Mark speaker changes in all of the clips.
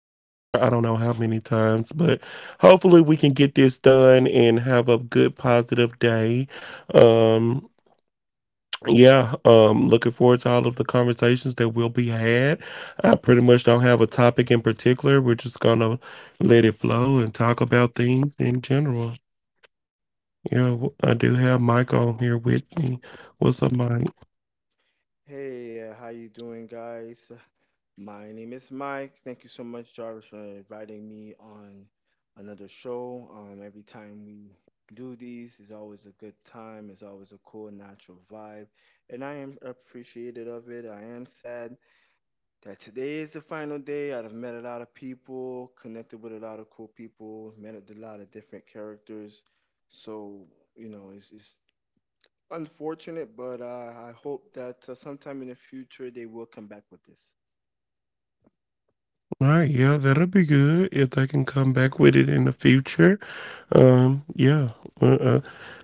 Speaker 1: I don't know how many times, but hopefully we can get this done and have a good positive day. Um yeah, looking forward to all of the conversations that will be had. I pretty much don't have a topic in particular. We're just going to let it flow and talk about things in general. Yeah, I do have Mike on here with me. What's up, Mike?
Speaker 2: Hey, how you doing, guys? My name is Mike. Thank you so much, Jarvis, for inviting me on another show. Every time we do these, it's always a good time. It's always a cool, natural vibe, and I am appreciated of it. I am sad that today is the final day. I've met a lot of people, connected with a lot of cool people, met a lot of different characters. So you know, it's unfortunate, but I hope that sometime in the future they will come back with this.
Speaker 1: All right, yeah, that'll be good if they can come back with it in the future. Yeah. Uh, uh,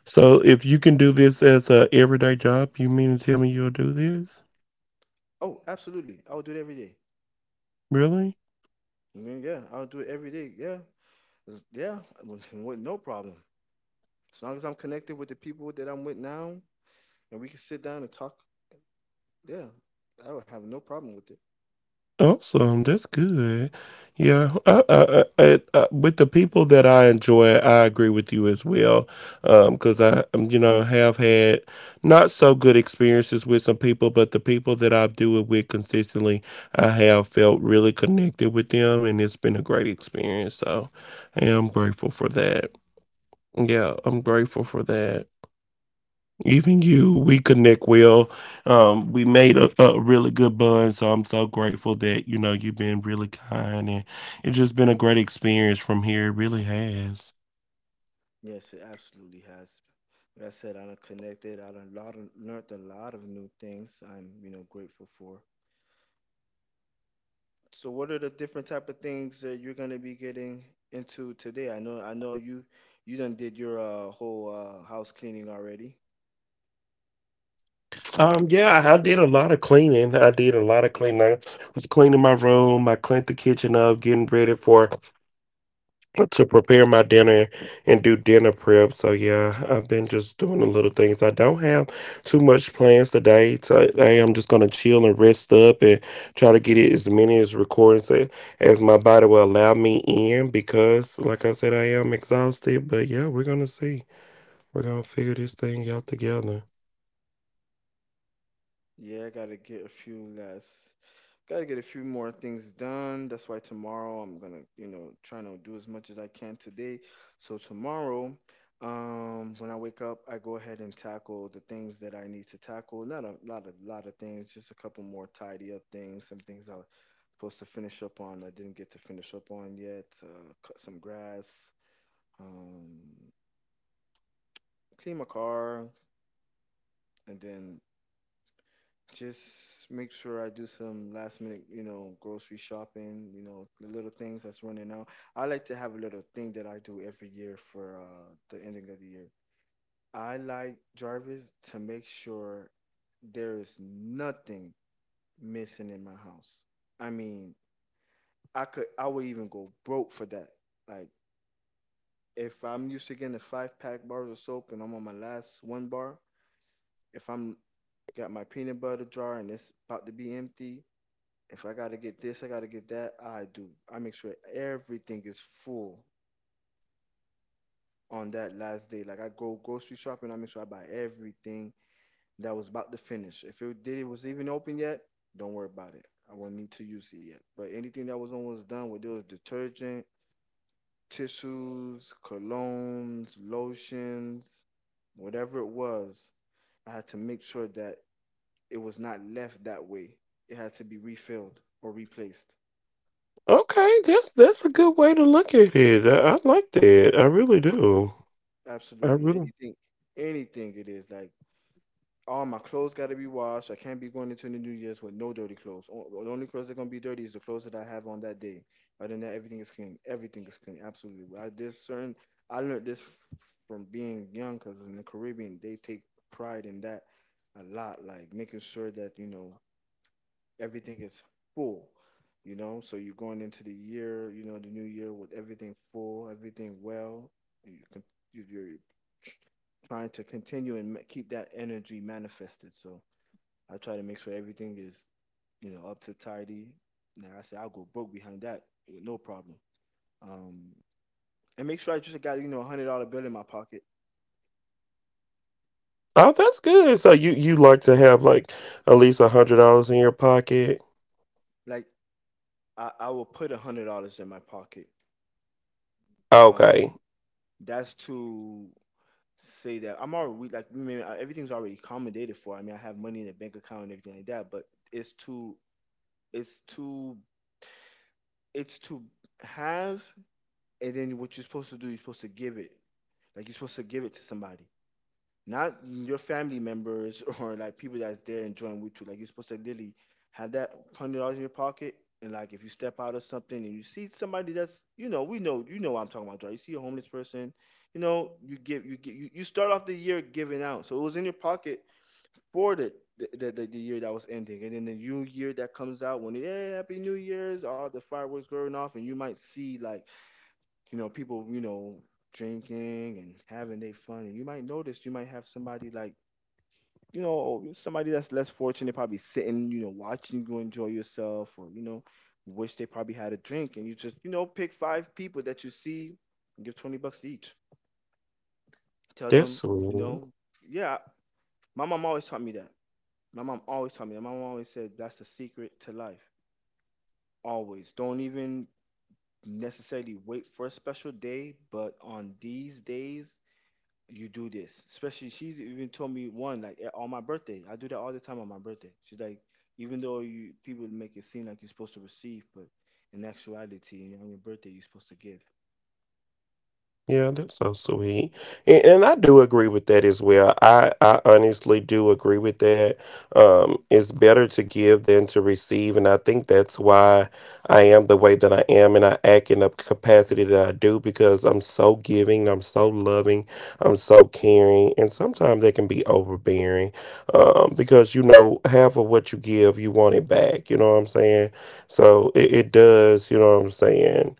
Speaker 1: so if you can do this as a everyday job, you mean to tell me you'll do this?
Speaker 2: Oh, absolutely. I will do it every day.
Speaker 1: Really?
Speaker 2: Yeah, I'll do it every day. Yeah. Yeah, with no problem. As long as I'm connected with the people that I'm with now and we can sit down and talk, yeah, I would have no problem with it.
Speaker 1: Awesome. That's good. Yeah. With the people that I enjoy, I agree with you as well. Because I, have had not so good experiences with some people, but the people that I do it with consistently, I have felt really connected with them, and it's been a great experience. So I am grateful for that. Yeah, I'm grateful for that. Even you, we connect well. We made a really good bond, so I'm so grateful that you've been really kind, and it's just been a great experience from here. It really has.
Speaker 2: Yes, it absolutely has. Like I said, I am connected. I done lot of, learned a lot of new things. I'm, you know, grateful for. So what are the different type of things that you're gonna be getting into today? I know you done did your whole house cleaning already.
Speaker 1: Yeah, I did a lot of cleaning. I did a lot of cleaning. I was cleaning my room. I cleaned the kitchen up, getting ready for to prepare my dinner and do dinner prep. So yeah, I've been just doing the little things. I don't have too much plans today. So, today I'm just gonna chill and rest up and try to get it as many as recordings as my body will allow me in because like I said, I am exhausted. But yeah, we're gonna see. We're gonna figure this thing out together.
Speaker 2: Yeah, I gotta get a few less. Gotta get a few more things done. That's why tomorrow I'm gonna, you know, trying to do as much as I can today. So tomorrow, when I wake up, I go ahead and tackle the things that I need to tackle. Not a lot of things, just a couple more tidy up things. Some things I was supposed to finish up on I didn't get to finish up on yet. Cut some grass, um, clean my car, and then just make sure I do some last minute, you know, grocery shopping, you know, the little things that's running out. I like to have a little thing that I do every year for the ending of the year. I like Jarvis to make sure there is nothing missing in my house. I mean, I would even go broke for that. Like if I'm used to getting a five pack bars of soap and I'm on my last one bar, if I'm got my peanut butter jar and it's about to be empty, if I gotta get this, I gotta get that, I do. I make sure everything is full on that last day. Like I go grocery shopping, I make sure I buy everything that was about to finish. If it did it was even open yet, don't worry about it. I won't need to use it yet. But anything that was almost done, whether it was detergent, tissues, colognes, lotions, whatever it was, I had to make sure that it was not left that way. It had to be refilled or replaced.
Speaker 1: Okay, that's a good way to look at it. I like that. I really do. I
Speaker 2: Absolutely.
Speaker 1: really
Speaker 2: Anything it is. Like all my clothes got to be washed. I can't be going into the New Year's with no dirty clothes. The only clothes that gonna be dirty is the clothes that I have on that day. Other than that, everything is clean. Everything is clean. Absolutely. Well, there's certain. I learned from being young, cause in the Caribbean they take pride in that a lot. Like making sure that you know everything is full. You know, so you're going into the year, you know, the new year with everything full, everything well. And You can, you're trying to continue and keep that energy manifested. So I try to make sure everything is, you know, up to tidy. Now I say I'll go broke behind that with no problem. Um, and make sure I just got you know $100 bill in my pocket.
Speaker 1: Oh, that's good. So you like to have like at least $100 in your pocket?
Speaker 2: Like I will put $100 in my pocket.
Speaker 1: Okay,
Speaker 2: Um, that's to say that I'm already like we mean everything's already accommodated for. I mean I have money in the bank account and everything like that. But it's to it's to it's to have, and then what you're supposed to do, you're supposed to give it. Like you're supposed to give it to somebody, not your family members or like people that's there enjoying with you. Like you're supposed to literally have that $100 in your pocket, and like if you step out or something and you see somebody that's, you know, we know, you know, what I'm talking about, Joe. You see a homeless person, you know, you give, you start off the year giving out. So it was in your pocket for the, the year that was ending, and then the new year that comes out when yeah, happy New Year's, all the fireworks going off, and you might see like you know people you know drinking and having their fun, and you might notice you might have somebody like you know somebody that's less fortunate probably sitting you know watching you enjoy yourself, or you know wish they probably had a drink, and you just you know pick five people that you see, and give $20 to each, tell
Speaker 1: that's
Speaker 2: them you
Speaker 1: sweet.
Speaker 2: know yeah, my mom always taught me that My mom always taught me. That. My mom always said that's the secret to life. Always. Don't even necessarily wait for a special day, but on these days, you do this. Especially, she's even told me one like on my birthday. I do that all the time on my birthday. She's like, even though you people make it seem like you're supposed to receive, but in actuality, on your birthday, you're supposed to give.
Speaker 1: Yeah, that's so sweet. And I do agree with that as well. I honestly do agree with that. It's better to give than to receive. And I think that's why I am the way that I am and I act in the capacity that I do because I'm so giving, I'm so loving, I'm so caring. And sometimes that can be overbearing, because, half of what you give, you want it back. You know what I'm saying? So it does, you know what I'm saying?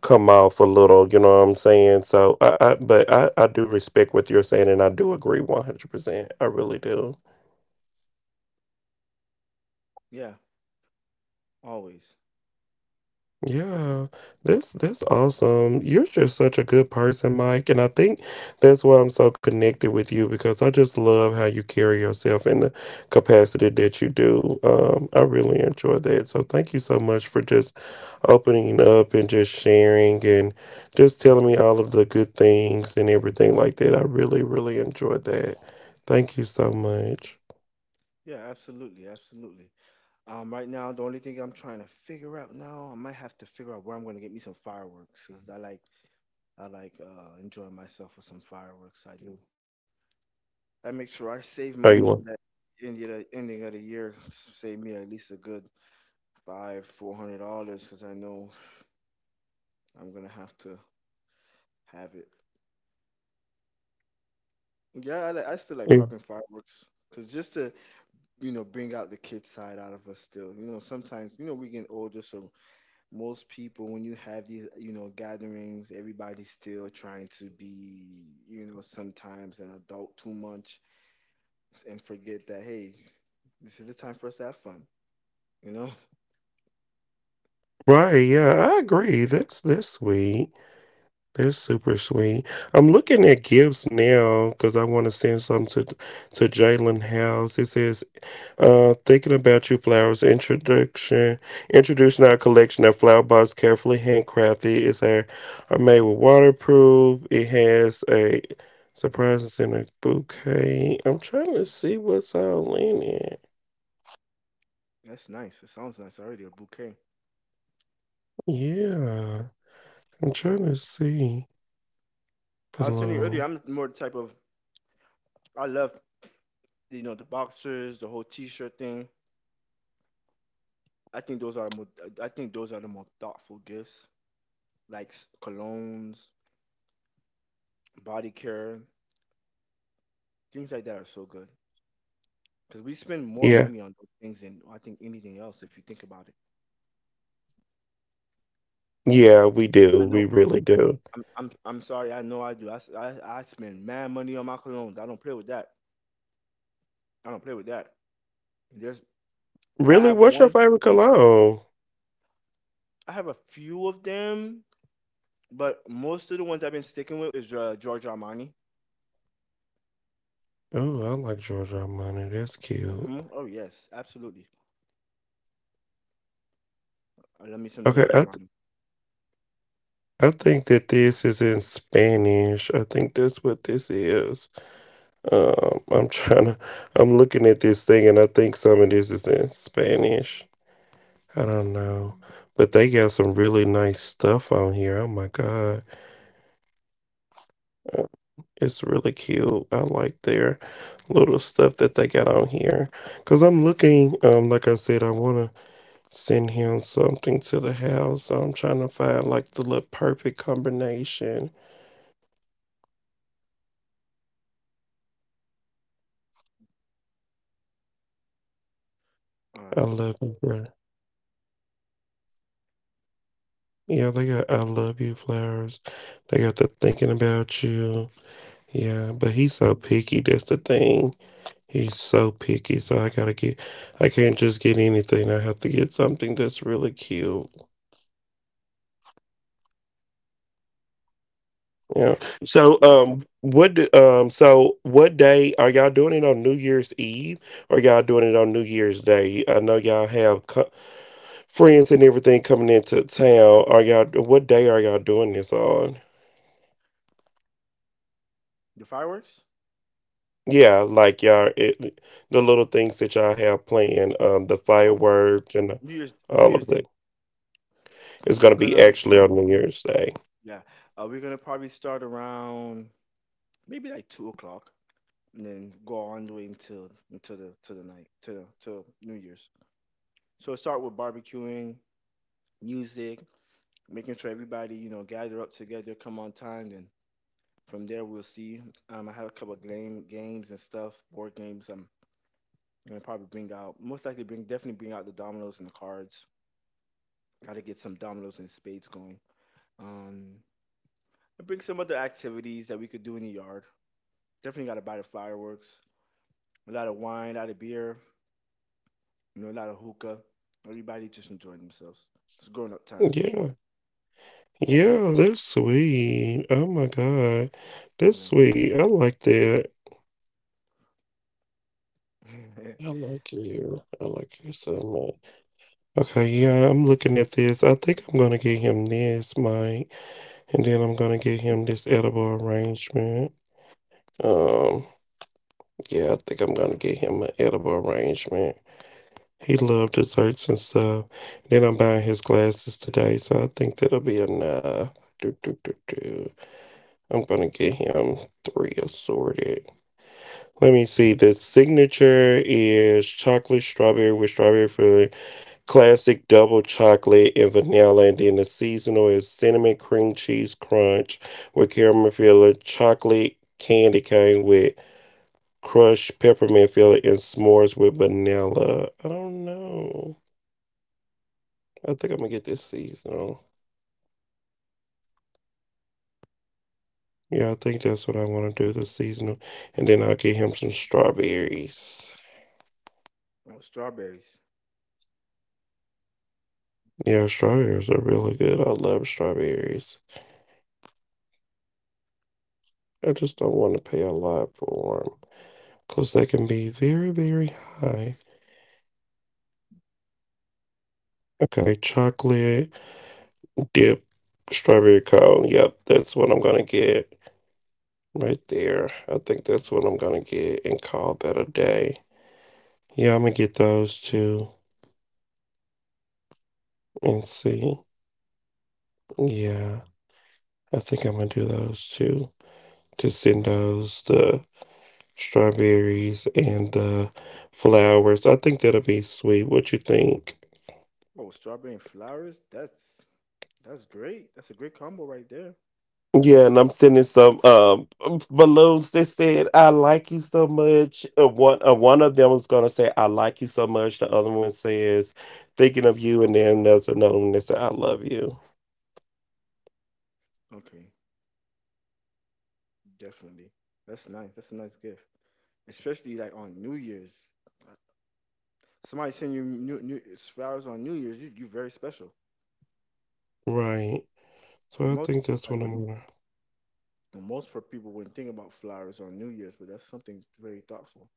Speaker 1: Come off a little, you know what I'm saying? So I do respect what you're saying and I do agree 100%. I really do.
Speaker 2: Yeah, always.
Speaker 1: Yeah, that's awesome. You're just such a good person, Mike, and I think that's why I'm so connected with you because I just love how you carry yourself in the capacity that you do. I really enjoy that. So thank you so much for just opening up and just sharing and just telling me all of the good things and everything like that. I really, really enjoyed that. Thank you so much.
Speaker 2: Yeah, absolutely. Right now, the only thing I'm trying to figure out now, I might have to figure out where I'm gonna get me some fireworks, cause I like enjoying myself with some fireworks. I do. I make sure I
Speaker 1: Hey, you
Speaker 2: save
Speaker 1: want-
Speaker 2: money for that ending of the year. Save me at least a good five, $400 because I know I'm gonna have to have it. Yeah, I still like popping fireworks because just to you know bring out the kid side out of us still. You know, sometimes you know we get older, so most people when you have these you know gatherings, everybody's still trying to be you know sometimes an adult too much and forget that hey this is the time for us to have fun. You know,
Speaker 1: Right, yeah, I agree. That's sweet. That's super sweet. I'm looking at gifts now because I want to send some to Jalen House. It says, "Thinking about you, flowers introduction, introducing our collection of flower pots carefully handcrafted. It's a are made with waterproof. It has a surprise in a bouquet." I'm trying to see what's all in it.
Speaker 2: that's nice. It sounds nice already. A bouquet.
Speaker 1: Yeah, I'm trying to see.
Speaker 2: I was telling you earlier,
Speaker 1: Hello.
Speaker 2: I'm more the type of I love you know the boxers, the whole T-shirt thing. I think those are more. I think those are the more thoughtful gifts, like colognes, body care, things like that are so good. Because we spend more
Speaker 1: Yeah,
Speaker 2: money on those things than I think anything else. If you think about it,
Speaker 1: yeah, we
Speaker 2: I
Speaker 1: do.
Speaker 2: know.
Speaker 1: We really do.
Speaker 2: I'm sorry. I know I do. I spend mad money on my colognes. I don't play with that. I don't play with that. There's if I
Speaker 1: Really?
Speaker 2: have
Speaker 1: What's your
Speaker 2: one,
Speaker 1: favorite cologne? Oh,
Speaker 2: I have a few of them, but most of the ones I've been sticking with is Giorgio Armani.
Speaker 1: oh, I like Giorgio Armani. That's cute.
Speaker 2: Hmm, oh yes, absolutely. Let me some
Speaker 1: Okay,
Speaker 2: Giorgio Armani.
Speaker 1: I think that this is in Spanish. I think that's what this is. I'm trying to. I'm looking at this thing, and I think some of this is in Spanish. I don't know, but they got some really nice stuff on here. Oh my God, Uh, it's really cute. I like their little stuff that they got on here. Cause I'm looking. Like I said, I wanna. Send him something to the house. So I'm trying to find like the little perfect combination.
Speaker 2: All
Speaker 1: I
Speaker 2: right.
Speaker 1: love you, bro. Yeah, they got I love you flowers. They got the thinking about you. Yeah, but he's so picky. That's the thing. He's so picky. So I gotta get. I can't just get anything. I have to get something that's really cute. Yeah. So, what day are y'all doing it on New Year's Eve or y'all doing it on New Year's Day? I know y'all have friends and everything coming into town. What day are y'all doing this on?
Speaker 2: The fireworks.
Speaker 1: Yeah, like y'all, the little things that y'all have planned, the
Speaker 2: Oh,
Speaker 1: fireworks and
Speaker 2: New
Speaker 1: all
Speaker 2: Year's
Speaker 1: of
Speaker 2: Day.
Speaker 1: that. It's
Speaker 2: We're
Speaker 1: gonna be
Speaker 2: gonna
Speaker 1: actually on New Year's Day.
Speaker 2: yeah. We're gonna probably start around maybe like 2 o'clock, and then go on the way until the to the night to New Year's. So start with barbecuing, music, making sure everybody you know gather up together, come on time, then from there, we'll see. I have a couple of games and stuff, board games. I'm gonna probably bring out, most likely bring definitely bring out the dominoes and the cards. Got to get some dominoes and spades going. Um, and bring some other activities that we could do in the yard. Definitely got to buy the fireworks, a lot of wine, a lot of beer, you know, a lot of hookah. Everybody just enjoying themselves. It's grown up time,
Speaker 1: Yeah. Yeah, that's sweet. Oh my God. That's
Speaker 2: you
Speaker 1: sweet. I like that.
Speaker 2: know.
Speaker 1: I like you. I like you so much. Okay, yeah, I'm looking at this. I think I'm gonna get him this, Mike, and then I'm gonna get him this edible arrangement. Um, yeah, I think I'm gonna get him an edible arrangement. He loved desserts and stuff. Then I'm buying his glasses today, so I think that'll be enough. Do, do, do, do. I'm gonna get him three assorted. Let me see. The signature is chocolate strawberry with strawberry filling. Classic double chocolate and vanilla, and then the seasonal is cinnamon cream cheese crunch with caramel filling, chocolate candy cane with crushed peppermint filling, and s'mores with vanilla. I don't know. I think I'm gonna get this seasonal. Yeah, I think that's what I want to do. The seasonal, and then I'll get him some strawberries.
Speaker 2: Oh, strawberries.
Speaker 1: Yeah, strawberries are really good. I love strawberries. I just don't want to pay a lot for them because they can be very, very high. Okay, chocolate dip, strawberry cone. Yep, that's what I'm gonna get right there. I think that's what I'm gonna get and call that a day. Yeah, I'm gonna get those two and see. Yeah, I think I'm gonna do those two. To send those the strawberries and the flowers. I think that'll be sweet. What you think?
Speaker 2: Oh, strawberry and flowers. That's great. That's a great combo right there.
Speaker 1: Yeah, and I'm sending some balloons that said "I like you so much." One of them was gonna say "I like you so much." The other one says "Thinking of you," and then there's another one that said "I love you."
Speaker 2: Okay. Definitely. That's nice. That's a nice gift, especially like on New Year's. Uh, Somebody send you new flowers on New Year's. You very special.
Speaker 1: Right. So
Speaker 2: But
Speaker 1: I
Speaker 2: most
Speaker 1: think
Speaker 2: uh,
Speaker 1: that's what I'm gonna.
Speaker 2: most for people wouldn't think about flowers on New Year's, but that's something very thoughtful.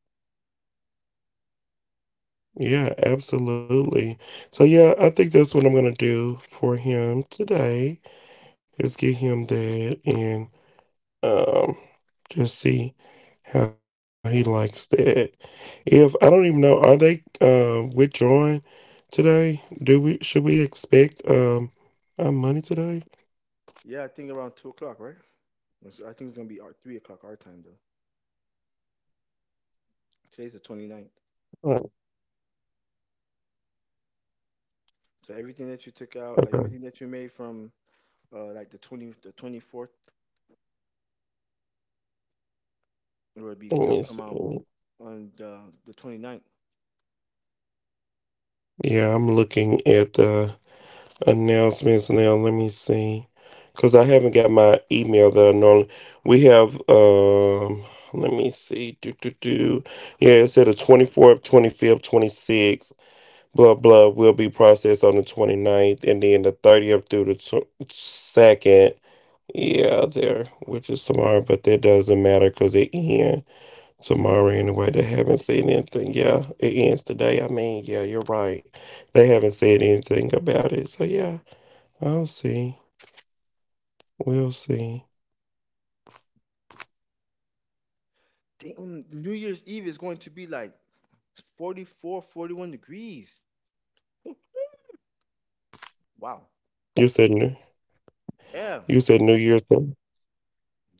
Speaker 1: Yeah, absolutely. So yeah, I think that's what I'm gonna do for him today is get him that, Um, just see how he likes that. If I don't even know, are they withdrawing today? Do we should we expect our money today?
Speaker 2: Yeah, I think around 2 o'clock, right? I think it's gonna be our, 3 o'clock our time though. Today's the 29th.
Speaker 1: Oh,
Speaker 2: So everything that you took out, like
Speaker 1: okay.
Speaker 2: everything that you made from like the 24th,
Speaker 1: Let
Speaker 2: it'll
Speaker 1: me
Speaker 2: come out
Speaker 1: see.
Speaker 2: on the 29th.
Speaker 1: Yeah, I'm looking at the announcements now. Let me see. Cause I haven't got my email that I normally we have, let me see. Do do do. Yeah, it said the 24th, 25th, 26th. Blood will be processed on the twenty ninth, and then the 30th through the 2nd. Yeah, there, which is tomorrow, but that doesn't matter because it ends
Speaker 2: Yeah,
Speaker 1: tomorrow
Speaker 2: today.
Speaker 1: anyway. They haven't said anything. Yeah, it ends today. I mean, yeah, you're right. They haven't said anything about it. So, yeah, I'll see. We'll see.
Speaker 2: Damn, New Year's Eve is going to be like 44, forty one 41 degrees. Whew, wow.
Speaker 1: You said New,
Speaker 2: Yeah.
Speaker 1: you said New, Year's at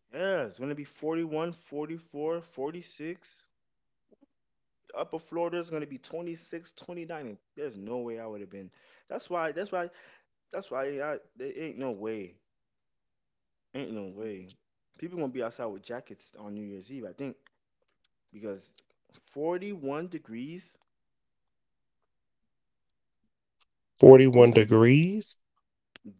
Speaker 2: Yeah. It's going to be 41, 44, 46. Upper Florida is going to be 26, 29. And There's no way I would have been. That's why, that's why, that's why there ain't no way. Ain't no way. People going to be outside with jackets on New Year's Eve, I think, because 41 degrees. Who's
Speaker 1: 41
Speaker 2: going to be
Speaker 1: degrees?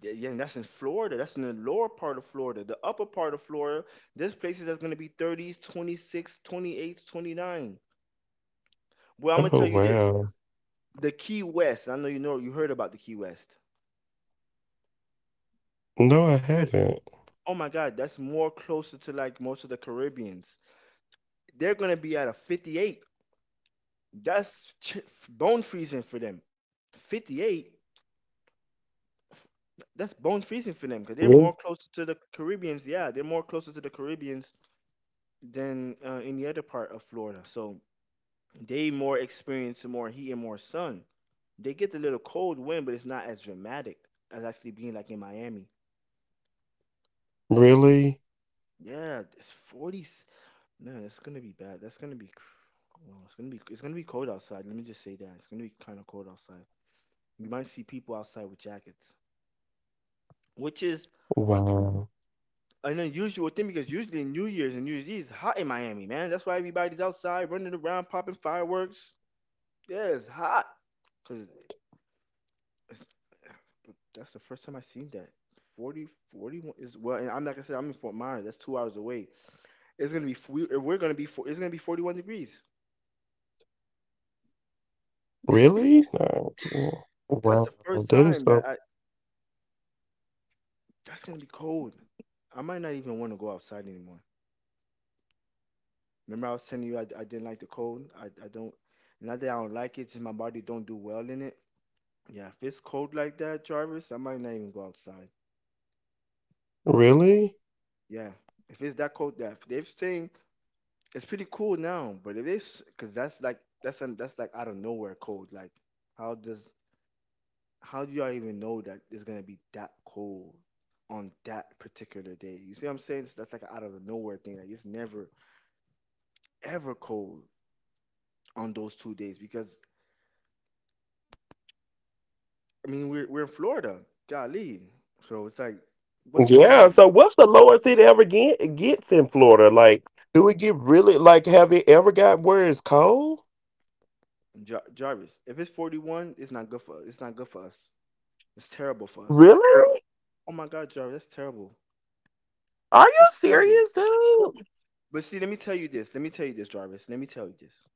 Speaker 2: Th- Yeah, and that's in Florida. That's in the lower part of Florida. The upper part of Florida, there's places that's going to be 30s, 28, twenty nine. 28, 29. Well, I'm going to tell
Speaker 1: Oh,
Speaker 2: you this.
Speaker 1: wow.
Speaker 2: The Key West, I know, you heard about the Key West.
Speaker 1: No, I
Speaker 2: You heard,
Speaker 1: haven't.
Speaker 2: oh my God, that's more closer to like most of the Caribbeans. They're going to be at a 58. That's ch- bone freezing for them. 58, that's bone freezing for them because they're
Speaker 1: Really?
Speaker 2: more closer to the Caribbeans. Yeah, they're more closer to the Caribbeans than any other part of Florida. So, they more experience more heat and more sun. They get the little cold wind, but it's not as dramatic as actually being like in Miami.
Speaker 1: Really?
Speaker 2: Yeah, it's forties. Man, it's gonna be bad. That's gonna be. Cr- Well, It's gonna be cold outside. Let me just say that it's gonna be kind of cold outside. You might see people outside with jackets, which is
Speaker 1: Wow.
Speaker 2: an unusual thing because usually New Year's and New Year's Eve is hot in Miami, man. That's why everybody's outside running around, popping fireworks. Yeah, it's hot because that's the first time I seen that. 40, 41 is well, and I'm not gonna say I'm in Fort Myers. That's 2 hours away. It's gonna be f- we- we're gonna be fo- it's gonna be 41 degrees.
Speaker 1: Really? No.
Speaker 2: That's
Speaker 1: Wow.
Speaker 2: the first
Speaker 1: That is
Speaker 2: time that
Speaker 1: so.
Speaker 2: I That's gonna be cold. I might not even want to go outside anymore. Remember, I was telling you I didn't like the cold. I don't, not that I don't like it, just my body don't do well in it. Yeah, if it's cold like that, Jarvis, I might not even go outside.
Speaker 1: Really?
Speaker 2: Yeah, if it's that cold, that if they're saying it's pretty cool now, but it is because that's like out of nowhere cold. How does how do y'all even know that it's gonna be that cold on that particular day? You see what I'm saying? That's like an out of nowhere thing. Like, it's never ever cold on those two days because I mean we're in Florida, golly. So it's like, what's
Speaker 1: Yeah.
Speaker 2: going
Speaker 1: Yeah.
Speaker 2: on,
Speaker 1: So, what's the lowest it ever gets in Florida? Like, do it get really like? Have it ever got where it's cold?
Speaker 2: Jarvis? If it's 41, it's not good for, it's not good for us. It's terrible for us.
Speaker 1: Really?
Speaker 2: Oh my God, Jarvis, that's terrible.
Speaker 1: Are
Speaker 2: That's
Speaker 1: you
Speaker 2: terrible.
Speaker 1: serious, dude?
Speaker 2: But see, let me tell you this. Let me tell you this, Jarvis. Let me tell you this.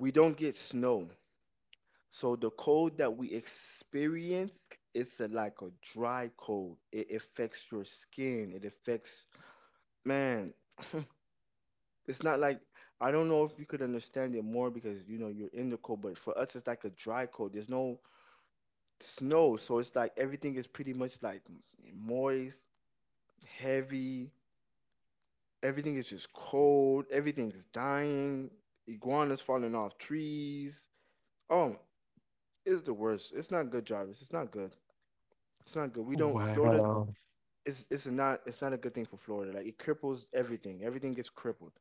Speaker 2: We don't get snow. So the cold that we experience, like a dry cold. It affects your skin. It affects, man. It's not like, I don't know if you could understand it more because you know you're in the cold, but for us it's like a dry cold. There's no snow, so it's like everything is pretty much like moist, heavy. Everything is just cold. Everything is dying, iguanas falling off trees. Oh, it's the worst. It's not good, Jarvis. It's not good. It's not good. We don't Florida
Speaker 1: Wow.
Speaker 2: It's, it's not a good thing for Florida. Like it cripples everything. Everything gets crippled.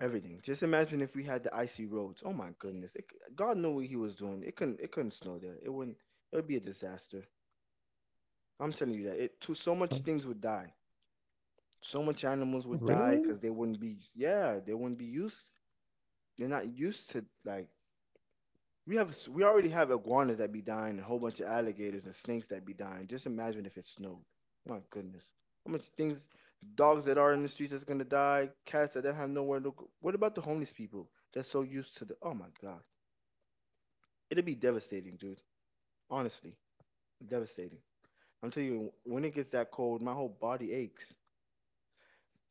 Speaker 2: Everything. Just imagine if we had the icy roads. Oh my goodness. God knew what he was doing. It couldn't, it couldn't snow there. It wouldn't, it would be a disaster. I'm telling you that. It too, so much things would die. So much animals would die because they
Speaker 1: Really?
Speaker 2: wouldn't be, yeah, they wouldn't be used. They're not used to like, we already have iguanas that be dying, and a whole bunch of alligators and snakes that be dying. Just imagine if it snowed. My goodness, how much things, dogs that are in the streets that's gonna die, cats that don't have nowhere to go. What about the homeless people that's so used to the? Oh my god, it'd be devastating, dude. Honestly, devastating. I'm telling you, when it gets that cold, my whole body aches.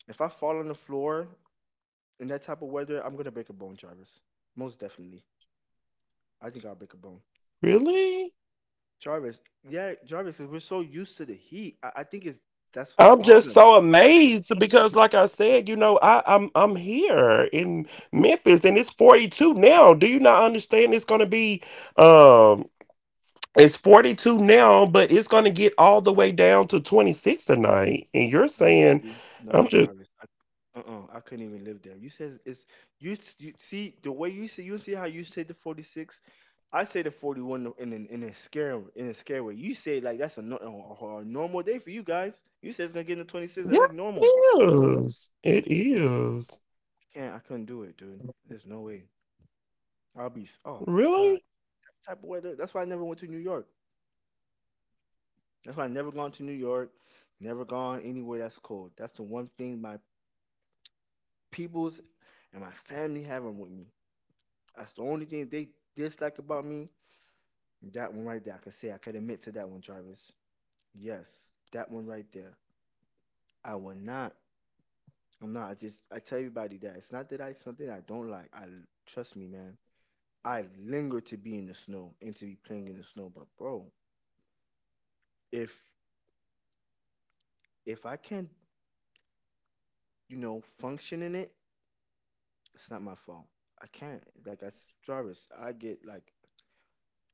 Speaker 2: If I fall on the floor in that type of weather, I'm gonna break a bone, Jarvis. Most definitely, I think I'll break a bone.
Speaker 1: Really?
Speaker 2: Jarvis, yeah, Jarvis, 'cause we're so used to the heat. I think it's, that's the
Speaker 1: I'm just
Speaker 2: problem.
Speaker 1: so amazed because like I said, I'm here in Memphis and it's 42 now. Do you not understand it's gonna be um. It's 42 now, but it's going to get all the way down to 26 tonight. And you're
Speaker 2: No,
Speaker 1: saying,
Speaker 2: see,
Speaker 1: I'm
Speaker 2: no,
Speaker 1: just,
Speaker 2: Jarvis. Uh-uh, I couldn't even live there. You says it's you. S- You see the way, you see how you say the 46. I say the 41 in an, in a scare, in a scare way. You say like that's a, no, a normal day for you guys. You say it's gonna get in the 26.
Speaker 1: yeah,
Speaker 2: That's like normal.
Speaker 1: it
Speaker 2: No,
Speaker 1: is. It is.
Speaker 2: I can't. I couldn't do it, dude. There's no way. Oh my god,
Speaker 1: Really?
Speaker 2: that type of weather. That's why I never went to New York. That's why I never gone to New York, never gone anywhere that's cold. That's the one thing my peoples and my family having with me. That's the only thing they dislike about me. That one right there. I can say I could admit to that one, Jarvis. Yes, that one right there. I will not. I'm not. I just I tell everybody that it's not that I something I don't like. I, trust me, man. I linger to be in the snow and to be playing in the snow. But bro, if if I can't, you know, function in it, it's not my fault. I can't. Jarvis, I get like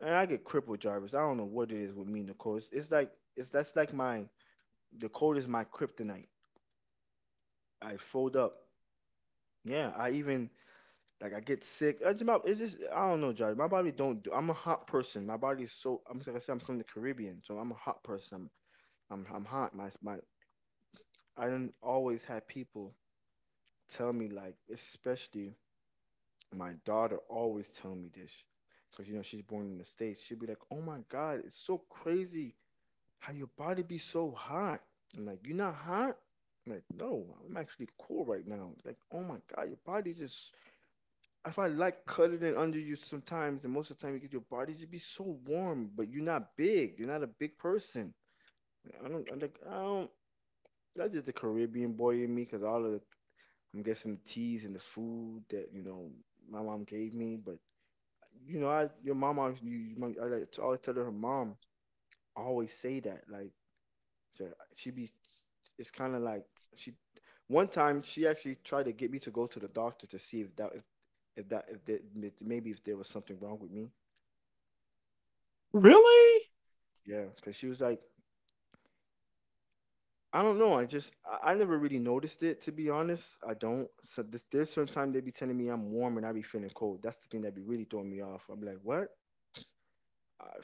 Speaker 2: and I get crippled, Jarvis. I don't know what it is with me, Nicole. It's like, it's that's like my, the cold is my kryptonite. I fold up. Yeah, I even, like I get sick. It's about it's just I don't know, Jarvis. My body don't do. I'm a hot person. My body is so. I said, I'm from the Caribbean, so I'm a hot person. I'm hot. My I don't, always have people tell me like, especially my daughter always tell me this because you know she's born in the states, she'll be like, oh my god, it's so crazy how your body be so hot. I'm like, you're not hot. I'm like, no, I'm actually cool right now. Like, oh my god, your body just, if I like cuddling under you sometimes and most of the time, you get your body to be so warm, but you're not big, you're not a big person. I'm like I don't, that's just the Caribbean boy in me because all of the, I'm guessing the teas and the food that you know my mom gave me. But you know, I your mom always you, you might- I like to always tell her, her mom always say that like, so she be, it's kind of like, she, one time she actually tried to get me to go to the doctor to see if that, if maybe if there was something wrong with me.
Speaker 1: Really?
Speaker 2: Yeah because she was like, I don't know, I just, I never really noticed it, to be honest. I don't so this, there's sometimes they be telling me I'm warm and I be feeling cold. That's the thing that be really throwing me off. I'm like, what. Uh,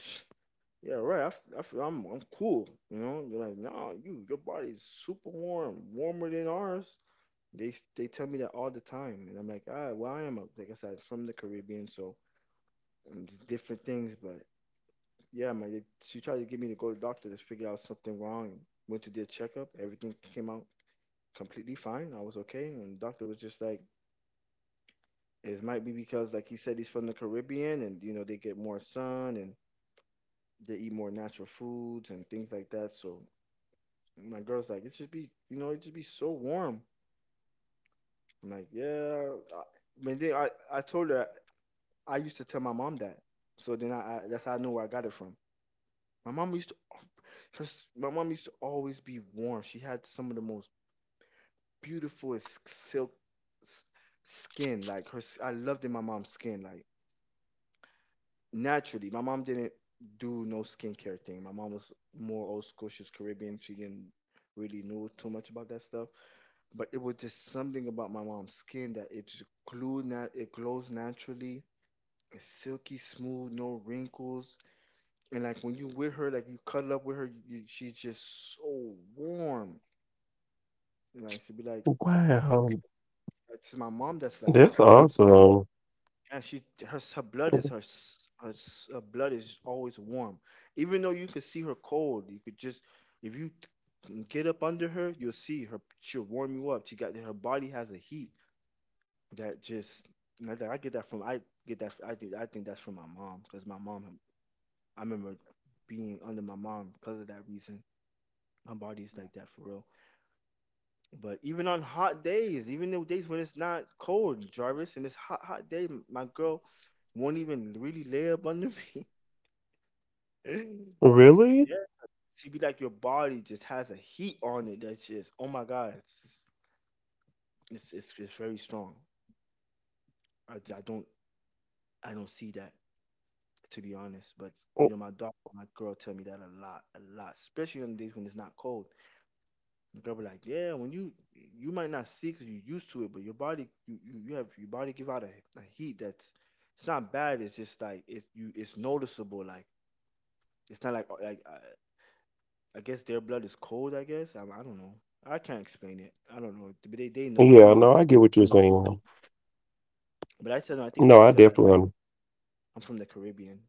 Speaker 2: Yeah, right. I feel, I'm cool. You know, you're like, nah, you, your body's super warm, warmer than ours. They tell me that all the time, and I'm like, ah, well, I am a, like I said, from the Caribbean, so just different things. But yeah, man, she tried to get me to go to the doctor to figure out something wrong. Went to their checkup, everything came out completely fine. I was okay, and the doctor was just like, it might be because, like he said, he's from the Caribbean, and you know they get more sun and they eat more natural foods and things like that. So, and my girl's like, it should be, you know, it should be so warm. I'm like, yeah. I, but then I told her I used to tell my mom that. So then I, that's how I know where I got it from. My mom used to, my mom used to always be warm. She had some of the most beautiful silk, s- skin. I loved in my mom's skin. Like naturally, my mom didn't do no skincare thing. My mom was more old school. She's Caribbean. She didn't really know too much about that stuff. But it was just something about my mom's skin that it just glowed it glows naturally. It's silky smooth, no wrinkles, and like when you with her, like you cuddle up with her, she's just so warm. And like she'd be like,
Speaker 1: Wow.
Speaker 2: it's my mom that's like that.
Speaker 1: That's awesome.
Speaker 2: And she her blood is her blood is always warm, even though you could see her cold. You could just if you get up under her, you'll see her. She'll warm you up. She got her body has a heat. That just and That I get that from. I think that's from my mom, because my mom, I remember being under my mom because of that reason. My body's like that for real. But even on hot days, even the days when it's not cold, Jarvis, and it's hot, hot day, my girl won't even really lay up under me.
Speaker 1: Really?
Speaker 2: Yeah, she be like your body just has a heat on it that's just, oh my God, it's very strong. I, I don't I don't see that, to be honest. But you
Speaker 1: Mm,
Speaker 2: know, my dog, my girl, tell me that a lot, especially on days when it's not cold. The girl be like, "Yeah, when you might not see because you're used to it, but your body, you have your body give out a heat that's it's not bad. It's just like it's you, it's noticeable. Like it's not like like I guess their blood is cold. I guess I don't know. I can't explain it. I don't know, but they know they
Speaker 1: Yeah,
Speaker 2: know it.
Speaker 1: no, I get what
Speaker 2: They
Speaker 1: you're
Speaker 2: know it.
Speaker 1: saying.
Speaker 2: But I tell them I think it's
Speaker 1: No, I
Speaker 2: because I,
Speaker 1: definitely am.
Speaker 2: I'm from the Caribbean.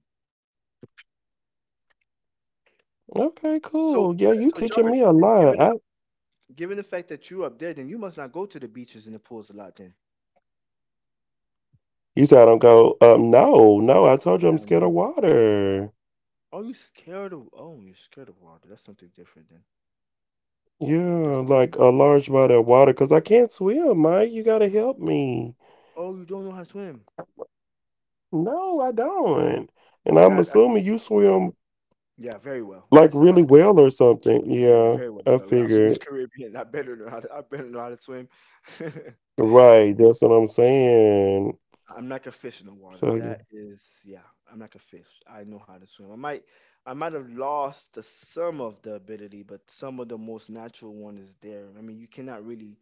Speaker 1: Okay, cool.
Speaker 2: So
Speaker 1: Yeah, you
Speaker 2: so
Speaker 1: teaching
Speaker 2: Jarvis,
Speaker 1: me a
Speaker 2: they've
Speaker 1: lot.
Speaker 2: given
Speaker 1: I,
Speaker 2: given the fact that you up there, then you must not go to the beaches and the pools a lot then.
Speaker 1: you said I don't go, no, no, I told you
Speaker 2: Yeah,
Speaker 1: I'm
Speaker 2: I
Speaker 1: scared of
Speaker 2: know.
Speaker 1: water.
Speaker 2: Oh, you're scared of water. That's something different then. That's
Speaker 1: Yeah,
Speaker 2: something
Speaker 1: like a
Speaker 2: different.
Speaker 1: large body of water because I can't swim, Mike. You gotta help me.
Speaker 2: Oh, you don't know how to swim.
Speaker 1: No, I don't. And
Speaker 2: Oh,
Speaker 1: I'm
Speaker 2: that I,
Speaker 1: assuming you swim
Speaker 2: yeah, very well.
Speaker 1: like really well or something.
Speaker 2: Yeah, yeah,
Speaker 1: Yeah,
Speaker 2: very well.
Speaker 1: I
Speaker 2: I'm from the
Speaker 1: figured.
Speaker 2: Caribbean. I better know how to swim.
Speaker 1: Right, that's what I'm saying.
Speaker 2: I'm like a fish in the water.
Speaker 1: So, yeah.
Speaker 2: That is, yeah, I'm like a fish. I know how to swim. I might have lost some of the ability, but some of the most natural one is there. I mean, you cannot really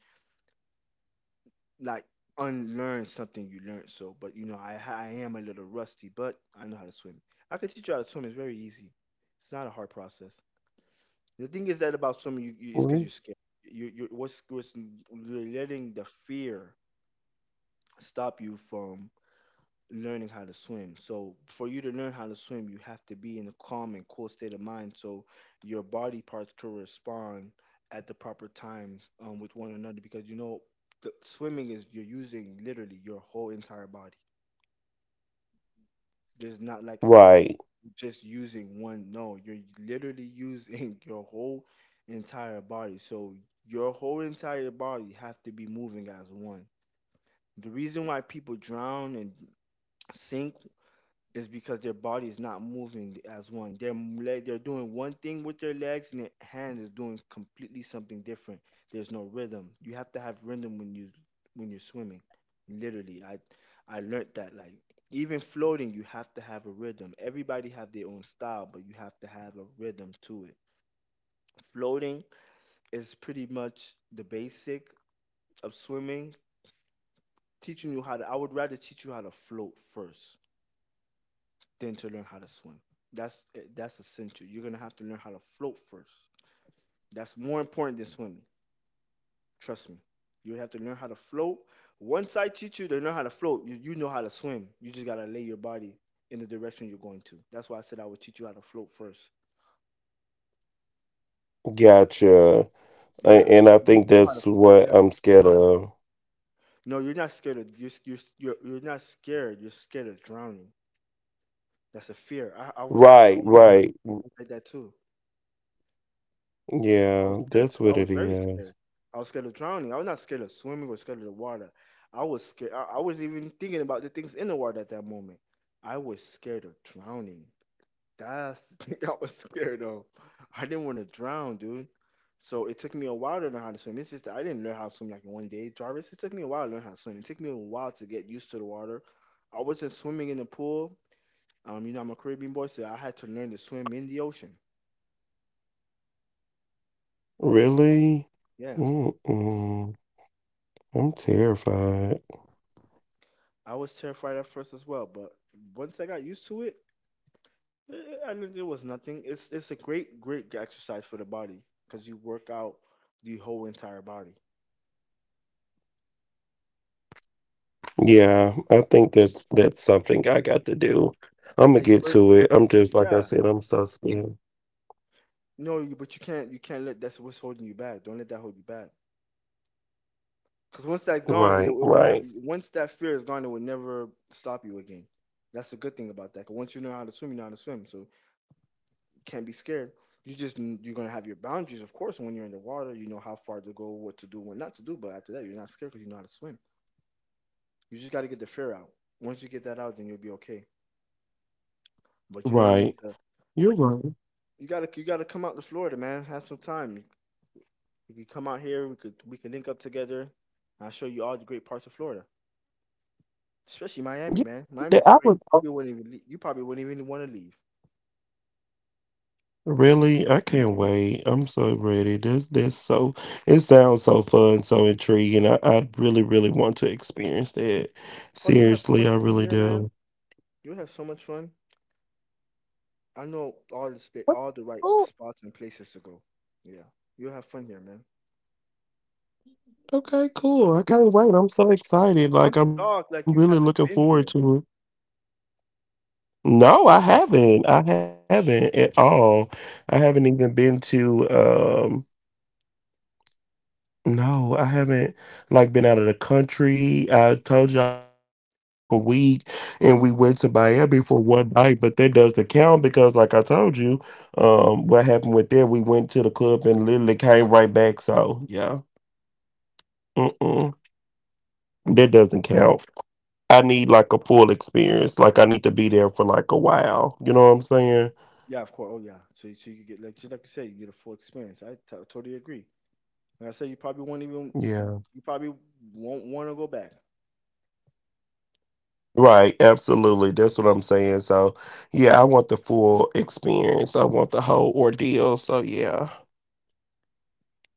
Speaker 2: like unlearn something you learned. So, but you know, I am a little rusty, but I know how to swim. I can teach you how to swim. It's very easy. It's not a hard process. The thing is that about swimming, you it's because
Speaker 1: Mhm.
Speaker 2: you're scared. You what's you're letting the fear stop you from learning how to swim. So for you to learn how to swim, you have to be in a calm and cool state of mind so your body parts correspond at the proper time with one another because the swimming is you're using literally your whole entire body. There's not like
Speaker 1: Right,
Speaker 2: just using one. No, you're literally using your whole entire body. So your whole entire body have to be moving as one. The reason why people drown and sink is because their body is not moving as one. Their leg, they're doing one thing with their legs, and their hand is doing completely something different. There's no rhythm. You have to have rhythm when you're swimming. Literally, I learned that. Like even floating, you have to have a rhythm. Everybody have their own style, but you have to have a rhythm to it. Floating is pretty much the basic of swimming. Teaching you how to, I would rather teach you how to float first than to learn how to swim. That's essential. You're gonna have to learn how to float first. That's more important than swimming. Trust me. You have to learn how to float. Once I teach you to learn how to float, you know how to swim. You just gotta lay your body in the direction you're going to. That's why I said I would teach you how to float first.
Speaker 1: gotcha. A-
Speaker 2: Yeah.
Speaker 1: And I
Speaker 2: Once
Speaker 1: think
Speaker 2: you know how to,
Speaker 1: that's what
Speaker 2: yeah.
Speaker 1: I'm scared of.
Speaker 2: No, you're not scared. You're scared of drowning. That's a fear.
Speaker 1: Right,
Speaker 2: I
Speaker 1: right.
Speaker 2: was like that too. I was
Speaker 1: Yeah,
Speaker 2: scared
Speaker 1: that's
Speaker 2: too. I
Speaker 1: what
Speaker 2: was
Speaker 1: it
Speaker 2: very
Speaker 1: is.
Speaker 2: scared. I was scared of drowning. I was not scared of swimming or scared of the water. I was scared. I wasn't even thinking about the things in the water at that moment. I was scared of drowning. That's the thing I was scared of. I didn't want to drown, dude. So it took me a while to learn how to swim. It's just that I didn't learn how to swim like in one day, Jarvis. It took me a while to learn how to swim. It took me a while to get used to the water. I wasn't swimming in the pool. I'm a Caribbean boy, so I had to learn to swim in the ocean.
Speaker 1: Really?
Speaker 2: Yeah.
Speaker 1: Mm-mm. I'm terrified.
Speaker 2: I was terrified at first as well, but once I got used to it, I mean, it was nothing. It's a great great exercise for the body because you work out the whole entire body.
Speaker 1: Yeah, I think that's something I got to do. I'm gonna get to it. I'm
Speaker 2: Yeah, you
Speaker 1: just
Speaker 2: burn
Speaker 1: like I
Speaker 2: so much.
Speaker 1: said. I'm so
Speaker 2: Yeah,
Speaker 1: scared.
Speaker 2: no, but you can't let that's what's holding you back. Don't let that hold you back. Because once that's
Speaker 1: Right,
Speaker 2: gone, it
Speaker 1: right,
Speaker 2: will never. Once that fear is gone, it will never stop you again. That's the good thing about that. 'Cause once you know how to swim, you know how to swim. So can't be scared. You're gonna have your boundaries, of course. When you're in the water, you know how far to go, what to do, what not to do. But after that, you're not scared because you know how to swim. You just gotta get the fear out. Once you get that out, then you'll be okay. But you don't want it
Speaker 1: right.
Speaker 2: to.
Speaker 1: You're right.
Speaker 2: You gotta come out to Florida, man. Have some time. You could come out here. We could link up together. I'll show you all the great parts of Florida, especially Miami,
Speaker 1: Yeah,
Speaker 2: man. Miami's
Speaker 1: I
Speaker 2: great.
Speaker 1: was
Speaker 2: You probably wouldn't even want to leave.
Speaker 1: really. I can't wait. I'm so ready. This so. It sounds so fun, so intriguing. I really really want to experience that.
Speaker 2: Oh, you have so
Speaker 1: Seriously,
Speaker 2: much
Speaker 1: I
Speaker 2: fun
Speaker 1: really
Speaker 2: here, man.
Speaker 1: do.
Speaker 2: You have so much fun. I know all the spa all the right
Speaker 1: Oh,
Speaker 2: spots and places to go. Yeah, you'll have fun here, man.
Speaker 1: okay, cool. I can't wait. I'm so excited.
Speaker 2: I'm
Speaker 1: Like I'm really
Speaker 2: shocked,
Speaker 1: looking
Speaker 2: like you
Speaker 1: forward
Speaker 2: haven't
Speaker 1: to it.
Speaker 2: been here.
Speaker 1: No, I haven't. I haven't at all. I haven't even been to no, I haven't like been out of the country. I told you I went to Panama for like a week and we went to Miami for one night, but that doesn't count because like I told you, what happened with that, we went to the club and literally came right back. So yeah. Mm-mm. That doesn't count. I need like a full experience. Like I need to be there for like a while. You know what I'm saying?
Speaker 2: Yeah, of course. Oh yeah. So you could get like just like you say, you get a full experience. Totally agree. And I say
Speaker 1: Yeah.
Speaker 2: you probably won't want to go back.
Speaker 1: Right, absolutely. That's what I'm saying. So, yeah, I want the full experience. I want the whole ordeal. So, yeah.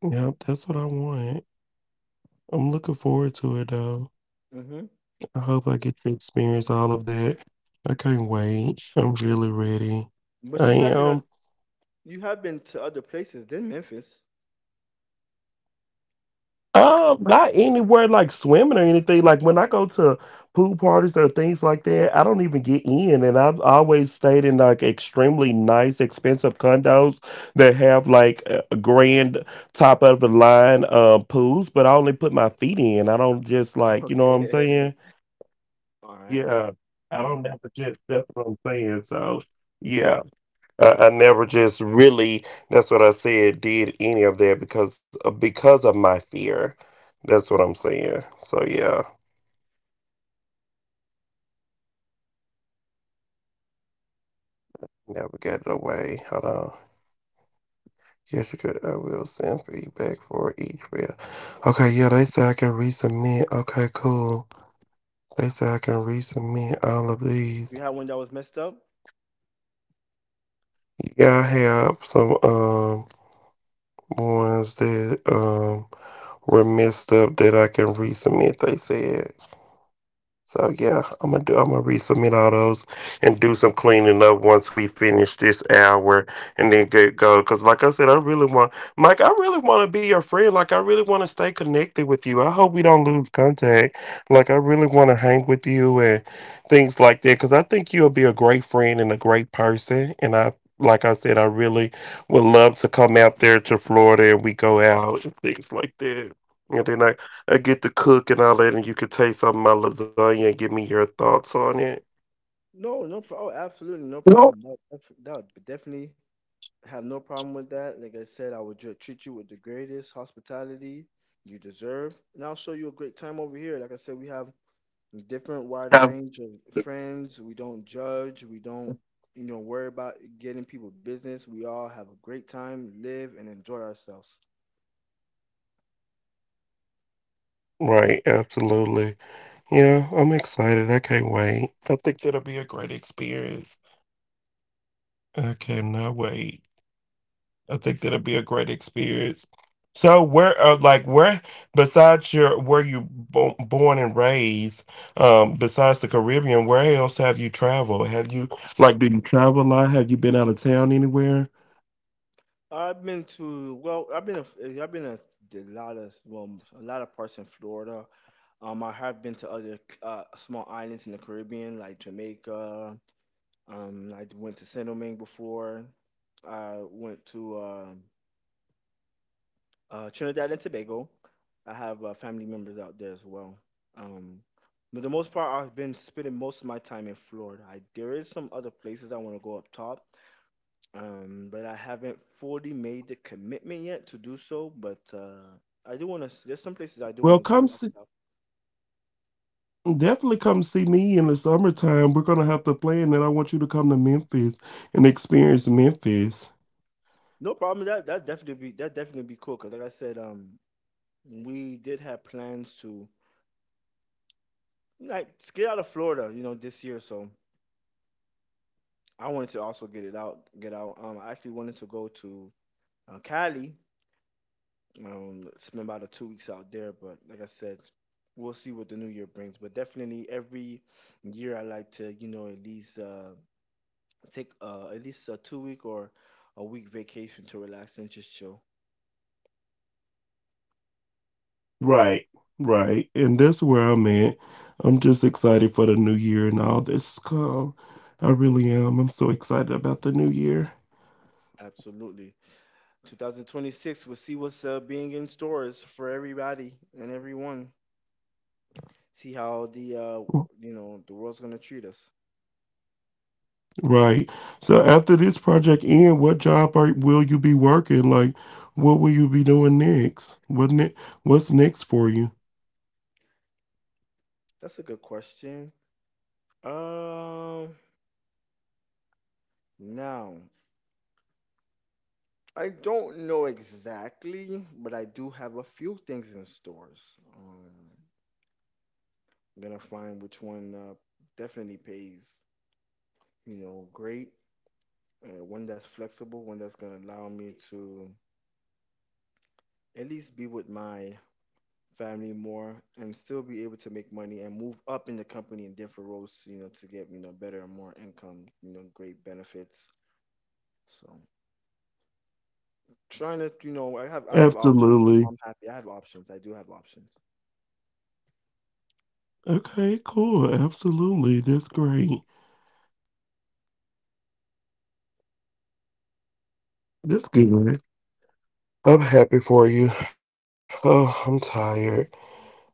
Speaker 1: Yep,
Speaker 2: Okay.
Speaker 1: that's what I want. I'm looking forward to it, though.
Speaker 2: Hmm.
Speaker 1: I hope I get to experience all of that. I can't wait. I'm really ready.
Speaker 2: But
Speaker 1: I am.
Speaker 2: you have been to other places than Memphis.
Speaker 1: Not anywhere like swimming or anything. Like when I go to pool parties or things like that, I don't even get in. And I've always stayed in like extremely nice, expensive condos that have like a grand top of the line pools, but I only put my feet in. I don't just like, you know what I'm
Speaker 2: Okay.
Speaker 1: saying?
Speaker 2: All right.
Speaker 1: Yeah. I
Speaker 2: All right.
Speaker 1: don't have to just that's what I'm saying. So yeah. I never just really that's what I said did any of that because because of my fear. That's what I'm saying. So yeah, never got it away. Hold on. Jessica, I will send feedback for each reel. Okay, yeah, they say I can resubmit. Okay, cool. They say I can resubmit all of these.
Speaker 2: You had one that was messed up?
Speaker 1: Yeah, I have some ones that were messed up that I can resubmit. They said. So yeah, I'm gonna do. I'm gonna resubmit all those and do some cleaning up once we finish this hour, and then get go. Because like I said, I really want, Mike. I really want to be your friend. Like I really want to stay connected with you. I hope we don't lose contact. Like I really want to hang with you and things like that. Because I think you'll be a great friend and a great person. And I, like I said, I really would love to come out there to Florida and we go out and things like that. And then I get to cook and all that, and you could taste some of my lasagna and give me your thoughts on it.
Speaker 2: No, no problem. Oh, absolutely, no
Speaker 1: No.
Speaker 2: problem. That would definitely have no problem with that. Like I said, I will treat you with the greatest hospitality you deserve, and I'll show you a great time over here. Like I said, we have a different
Speaker 1: Yeah.
Speaker 2: wider range of friends. We don't judge. We don't worry about getting people business. We all have a great time, live and enjoy ourselves.
Speaker 1: Right, absolutely. Yeah, I'm excited. I can't wait. I think that'll be a great experience. I cannot wait. I think that'll be a great experience. So, where, like, where, besides your, where you born and raised, besides the Caribbean, where else have you traveled? Have you, like, do you travel a lot? Have you been out of town anywhere?
Speaker 2: I've been to a lot of well, a lot of parts in Florida. I have been to other small islands in the Caribbean, like Jamaica. I went to Saint Domingue before. I went to Trinidad and Tobago. I have family members out there as well. Um, but the most part, I've been spending most of my time in Florida. There is some other places I want to go up top, but I haven't fully made the commitment yet to do so. But I do want to. There's some places I do want
Speaker 1: Well,
Speaker 2: to go
Speaker 1: come
Speaker 2: up top.
Speaker 1: Definitely come see me in the summertime. We're gonna have to plan that. I want you to come to Memphis and experience Memphis.
Speaker 2: No problem. That definitely be cool. 'Cause like I said, we did have plans to like to get out of Florida, this year. So I wanted to also get it out, get out. I actually wanted to go to Cali, spend about a 2 weeks out there. But like I said, we'll see what the new year brings. But definitely every year I like to, you know, at least take at least a 2 week or a week vacation to relax and just chill.
Speaker 1: Right, right. And that's where I'm at. I'm just excited for the new year and all this come. I really am. I'm so excited about the new year.
Speaker 2: Absolutely. 2026, we'll see what's being in stores for everybody and everyone. See how the you know the world's gonna treat us.
Speaker 1: Right. So after this project end, what job will you be working? Like, what will you be doing next? What's next for you?
Speaker 2: That's a good question. Um, Now I don't know exactly, but I do have a few things in stores. I'm gonna find which one definitely pays, you know, great. One that's flexible, one that's gonna allow me to at least be with my family more and still be able to make money and move up in the company in different roles, you know, to get, you know, better and more income, you know, great benefits. So, trying to, you know, I have options, so
Speaker 1: Absolutely.
Speaker 2: I'm happy. I have options. I do have options.
Speaker 1: Okay, cool. Absolutely. That's great. That's good. I'm happy for you. Oh, I'm tired.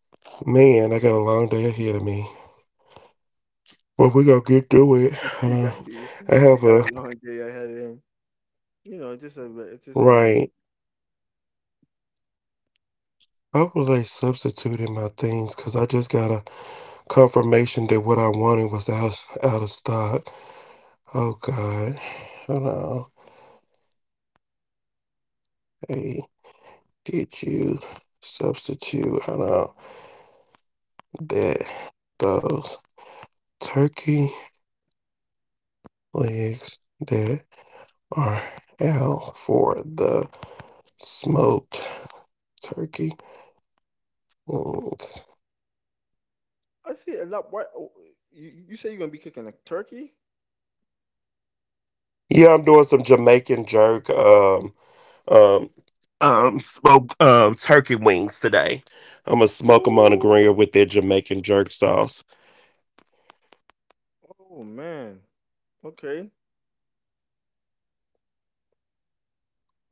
Speaker 1: Man, I got a long day ahead of me. But we gonna get through it. And,
Speaker 2: He got
Speaker 1: I have
Speaker 2: he
Speaker 1: a
Speaker 2: got a long day ahead of him. You know, it's just a it's just a normal.
Speaker 1: right. I was like substituting my things because I just got a confirmation that what I wanted was out of stock. Oh God. Hold on. Hey, did you substitute? I know that those turkey legs that are out for the smoked turkey. Mm.
Speaker 2: I see a lot. Why? Oh, you say you're gonna be cooking a turkey?
Speaker 1: Yeah, I'm doing some Jamaican jerk um smoked turkey wings today. I'm gonna smoke them on a
Speaker 2: Ooh,
Speaker 1: grill with their Jamaican jerk sauce.
Speaker 2: oh man, okay.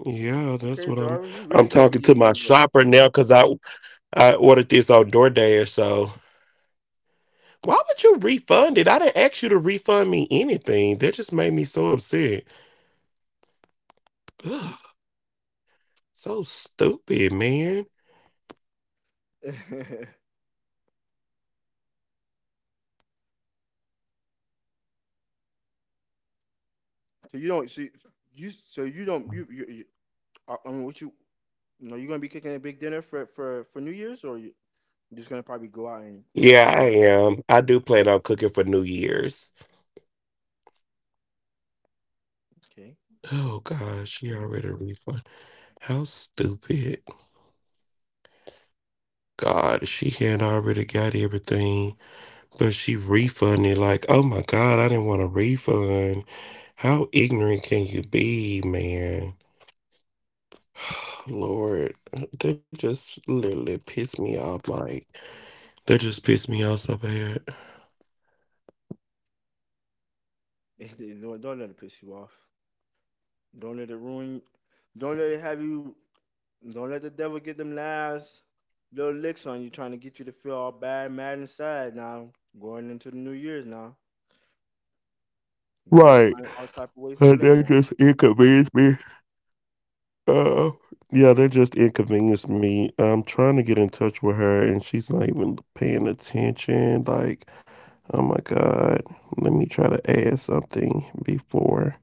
Speaker 1: Yeah, that's
Speaker 2: Okay,
Speaker 1: what I'm.
Speaker 2: Jarvis, you
Speaker 1: I'm
Speaker 2: really gonna be
Speaker 1: talking
Speaker 2: eating
Speaker 1: to my
Speaker 2: some good.
Speaker 1: shopper now because I ordered this on DoorDash. So why would you refund it? I didn't ask you to refund me anything. That just made me so upset. Ugh, so stupid, man.
Speaker 2: So you so you don't you you, you what you know, you gonna be cooking a big dinner for for New Year's, or you are just gonna probably go out and have
Speaker 1: Yeah, I
Speaker 2: some?
Speaker 1: am. I do plan on cooking for New Year's.
Speaker 2: Okay, that's
Speaker 1: Oh
Speaker 2: good.
Speaker 1: God, she already refund. How stupid. God, she had already got everything, but she refunded like, oh my God, I didn't want a refund. How ignorant can you be, man? Lord, that just literally pissed me off. Like, that just pissed me off so bad.
Speaker 2: Don't let it piss you off. Don't let it ruin. Don't let it have you. Don't let the devil get them last little licks on you, trying to get you to feel all bad, mad, and sad. Now going into the New Year's now, the devil
Speaker 1: Right.
Speaker 2: find all type of ways to
Speaker 1: But
Speaker 2: play
Speaker 1: that
Speaker 2: now.
Speaker 1: just inconvenienced me. Uh, yeah, that just inconvenienced me. I'm trying to get in touch with her, and she's not even paying attention. Like, oh my god, let me try to add something before.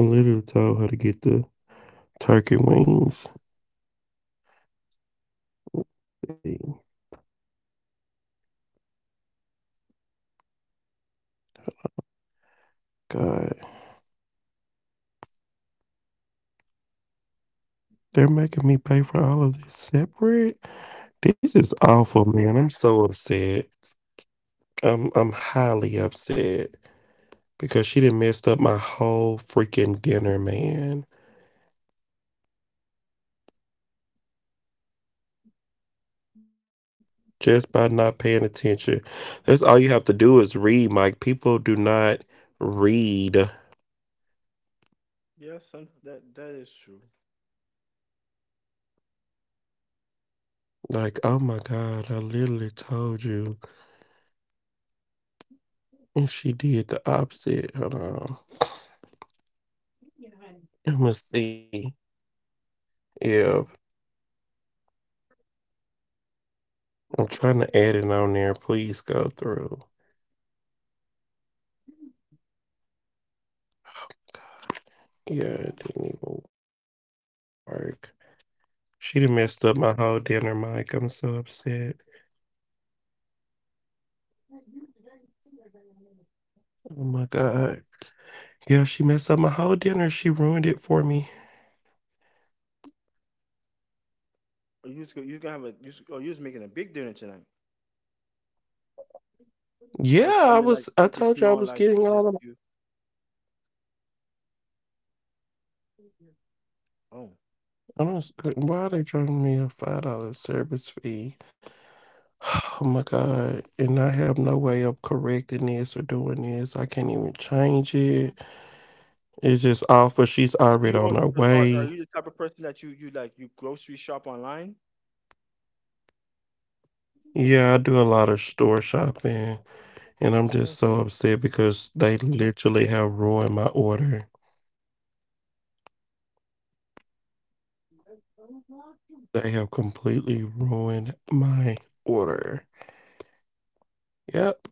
Speaker 1: I literally told her to get the turkey wings. Thing. God, they're making me pay for all of this separate. This is awful, man. I'm so upset. I'm highly upset because she didn't messed up my whole freaking dinner, man. Just by not paying attention. That's all you have to do is read, Mike. People do not read.
Speaker 2: Yeah, some that is true.
Speaker 1: Like, oh my God, I literally told you. And she did the opposite. Hold on. I am going to see. Yeah. I'm trying to add it on there. Please go through. Yeah, it didn't even work. She done messed up my whole dinner, Mike. I'm so upset. Oh my God. Yeah, she messed up my whole dinner. She ruined it for me.
Speaker 2: Or you just, you can have a you just, or you just making a big dinner tonight, or
Speaker 1: Yeah, I
Speaker 2: something like
Speaker 1: was. I
Speaker 2: something
Speaker 1: told you I
Speaker 2: small
Speaker 1: was
Speaker 2: like
Speaker 1: getting
Speaker 2: for
Speaker 1: all
Speaker 2: just
Speaker 1: of
Speaker 2: you? Oh,
Speaker 1: I'm just like, why are they charging me a $5 service fee? Oh my god! And I have no way of correcting this or doing this. I can't even change it. It's just awful. She's
Speaker 2: so
Speaker 1: already on her
Speaker 2: are
Speaker 1: way.
Speaker 2: you the type of person that you like you grocery shop online?
Speaker 1: Yeah, I do a lot of store shopping, and I'm
Speaker 2: Oh,
Speaker 1: just so
Speaker 2: okay.
Speaker 1: upset because they literally have ruined my order. They have completely ruined my order. Yep,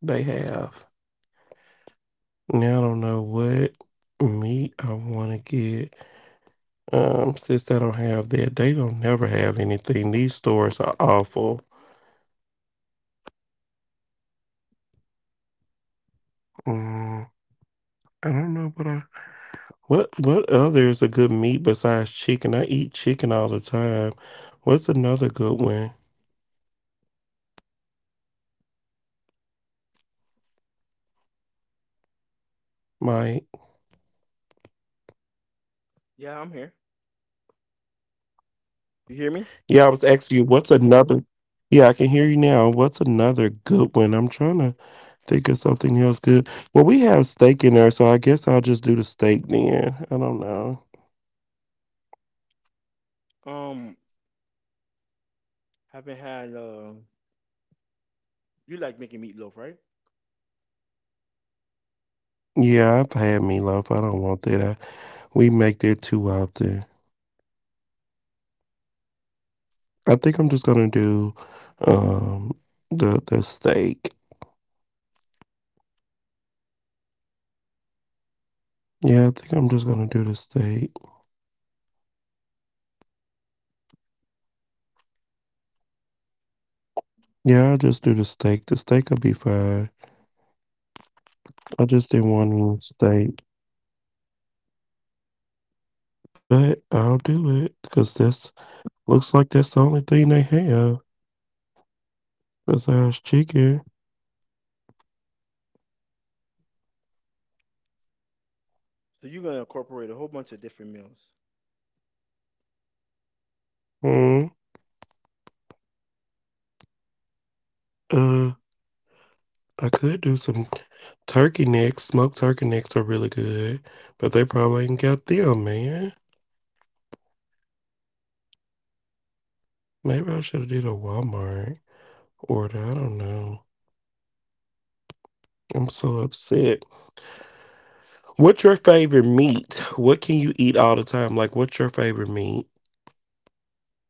Speaker 1: they have. Now I don't know what meat I want to get. Since they don't have that, they don't never have anything. These stores are awful. Mm, I don't know what other is a good meat besides chicken. I eat chicken all the time. What's another good one, Mike?
Speaker 2: Yeah, I'm here. You hear me?
Speaker 1: Yeah, I was asking you what's another. Yeah, I can hear you now. What's another good one? I'm trying to think of something else good. Well, we have steak in there, so I guess I'll just do the steak then. I don't know.
Speaker 2: Um, haven't had. You like making meatloaf, right?
Speaker 1: Yeah, I've had meatloaf. I don't want that. We make that too often. I think I'm just gonna do um the steak. Yeah, I think I'm just gonna do the steak. Yeah, I'll just do the steak. The steak will be fine. I just didn't want any steak, but I'll do it because this looks like that's the only thing they have besides chicken.
Speaker 2: So you're gonna incorporate a whole bunch of different meals.
Speaker 1: Hmm. uh, I could do some turkey necks. Smoked turkey necks are really good, but they probably ain't got them, man. Maybe I should have did a Walmart order. I don't know. I'm so upset. What's your favorite meat? What can you eat all the time? Like, what's your favorite meat?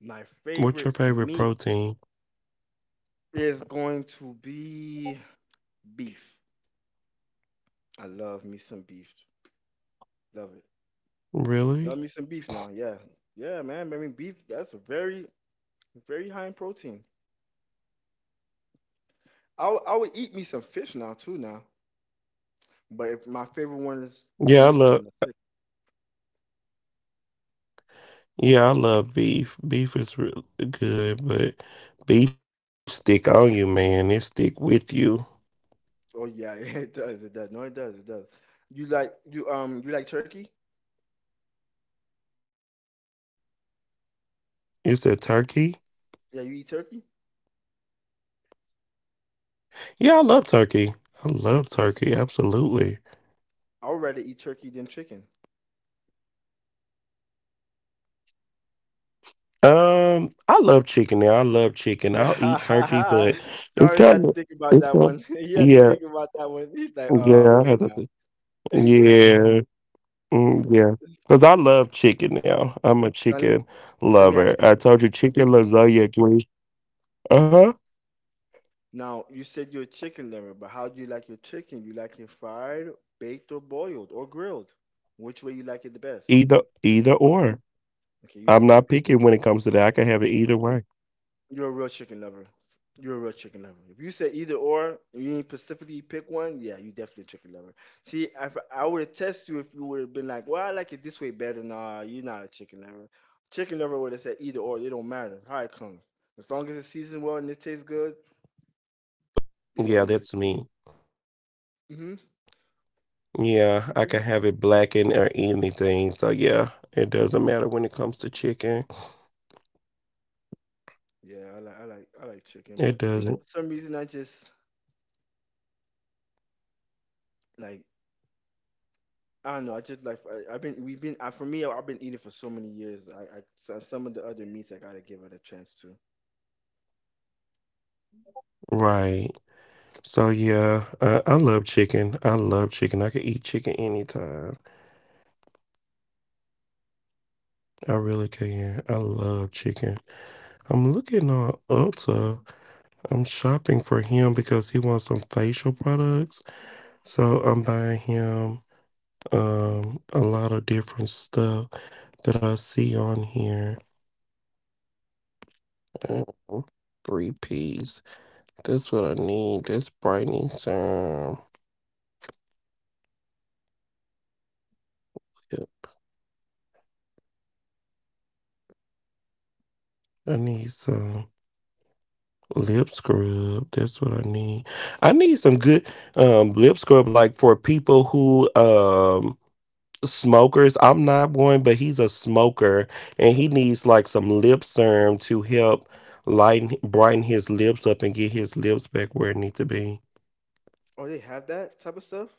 Speaker 2: My
Speaker 1: What's your
Speaker 2: favorite
Speaker 1: favorite
Speaker 2: meat
Speaker 1: protein?
Speaker 2: is going to be beef. I love me some beef. Love it.
Speaker 1: Really?
Speaker 2: Love me some beef now. Yeah, yeah, man. I mean, beef. That's a very, very high in protein. I would eat me some fish now too now. But if my favorite one is
Speaker 1: Yeah, I
Speaker 2: beef
Speaker 1: love.
Speaker 2: and the sick.
Speaker 1: Yeah, I love beef. Beef is really good, but beef stick on you, man. It stick with you.
Speaker 2: Oh yeah, it does. It does. No, it does. It does. You like turkey?
Speaker 1: Is that turkey?
Speaker 2: Yeah, you eat turkey?
Speaker 1: Yeah, I love turkey. I love turkey. Absolutely.
Speaker 2: I would rather eat turkey than chicken.
Speaker 1: I love chicken. Now I love chicken. I'll eat turkey, but it's
Speaker 2: Jarvis had
Speaker 1: kind
Speaker 2: to
Speaker 1: of
Speaker 2: think about
Speaker 1: it's
Speaker 2: that one.
Speaker 1: kind.
Speaker 2: He had to
Speaker 1: Yeah,
Speaker 2: think about that one. He's like, oh
Speaker 1: yeah. I
Speaker 2: wait
Speaker 1: have
Speaker 2: now.
Speaker 1: to.
Speaker 2: Now
Speaker 1: Yeah. Mm, yeah. Because I love chicken now. I'm a
Speaker 2: let me
Speaker 1: chicken
Speaker 2: let me ask
Speaker 1: lover.
Speaker 2: you
Speaker 1: I
Speaker 2: this.
Speaker 1: told you chicken lasagna green. Uh-huh.
Speaker 2: Now you said you're a chicken lover, but how do you like your chicken? You like it fried, baked, or boiled, or grilled? Which way you like it the best?
Speaker 1: Either
Speaker 2: This,
Speaker 1: either or.
Speaker 2: okay, you're a
Speaker 1: I'm not
Speaker 2: chicken.
Speaker 1: picking when it comes to that. I can have it either way.
Speaker 2: You're a real chicken lover. You're a real chicken lover. If you say either or, you didn't specifically pick one, yeah, you definitely a chicken lover. See, I would attest you if you would have been like, well, I like it this way better. Nah, you're not a chicken lover. Chicken lover would have said either or. It don't matter
Speaker 1: Yeah,
Speaker 2: how
Speaker 1: no,
Speaker 2: it
Speaker 1: I can
Speaker 2: comes.
Speaker 1: have it
Speaker 2: As long as it's
Speaker 1: blackened,
Speaker 2: seasoned well and it
Speaker 1: grilled,
Speaker 2: tastes good,
Speaker 1: right.
Speaker 2: they're gonna eat it.
Speaker 1: Yeah, that's
Speaker 2: Hmm.
Speaker 1: me. Yeah, I can have it blackened or anything. So yeah, it doesn't matter when it comes to chicken.
Speaker 2: Yeah, I like I like chicken, but
Speaker 1: It
Speaker 2: for
Speaker 1: doesn't.
Speaker 2: some reason I just like, I don't know. I just like I've been I've been eating for so many years. Some of the other meats I gotta give it a chance to.
Speaker 1: Right. So yeah, I love chicken. I love chicken. I can eat chicken anytime. I really can. I love chicken. I'm looking on Ulta. I'm shopping for him because he wants some facial products. So I'm buying him a lot of different stuff that I see on here. Oh, Three P's. That's what I need. That's brightening serum. Yep. I need some lip scrub. That's what I need. I need some good lip scrub like for people who smokers. I'm not one, but he's a smoker and he needs like some lip serum to help lighten brighten his lips up and get his lips back where it need to be.
Speaker 2: Oh, they have that type of stuff?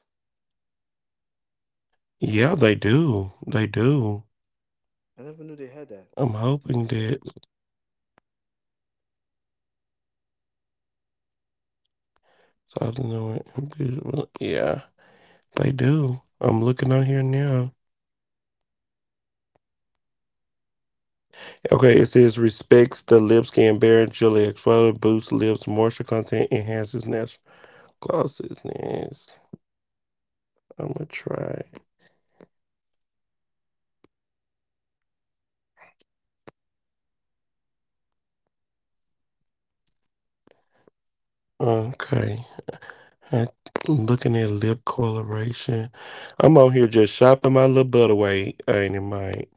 Speaker 1: Yeah, they do. They do.
Speaker 2: I never knew they had that
Speaker 1: I'm
Speaker 2: type
Speaker 1: hoping
Speaker 2: of stuff.
Speaker 1: that something or yeah, they do. I'm looking on here now. Okay, it says respects the lip skin barrier, gently exfoliates, boosts lips moisture content, enhances natural glosses. Yes, I'm gonna try it. Okay. And looking at lip coloration. I'm on here just shopping my little butterway, ain't it, Mike?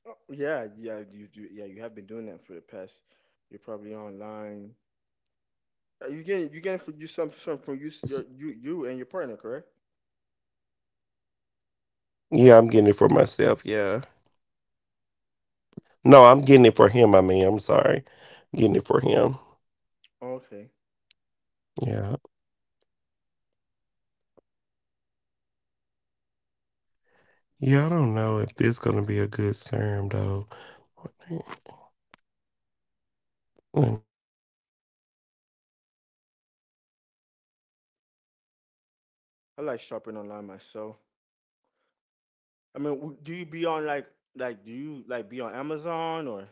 Speaker 2: Oh, yeah, yeah, you do. Yeah, you have been doing that for the past. You're probably online. You getting for you some from
Speaker 1: S-
Speaker 2: you you and your partner, correct?
Speaker 1: Yeah, I'm getting it for myself, yeah. No, I'm getting it for him, I mean, I'm sorry. Getting it for him.
Speaker 2: Okay,
Speaker 1: Yeah. Yeah, I don't know if this gonna be a good serum though. Let me see. I ain't even oh, we're at 51 minutes. Oh my god. See, that's
Speaker 2: I
Speaker 1: what
Speaker 2: like
Speaker 1: I'm
Speaker 2: shopping online
Speaker 1: saying.
Speaker 2: myself.
Speaker 1: When I'm on with you
Speaker 2: I mean, do you be on like, do you like be on Amazon, or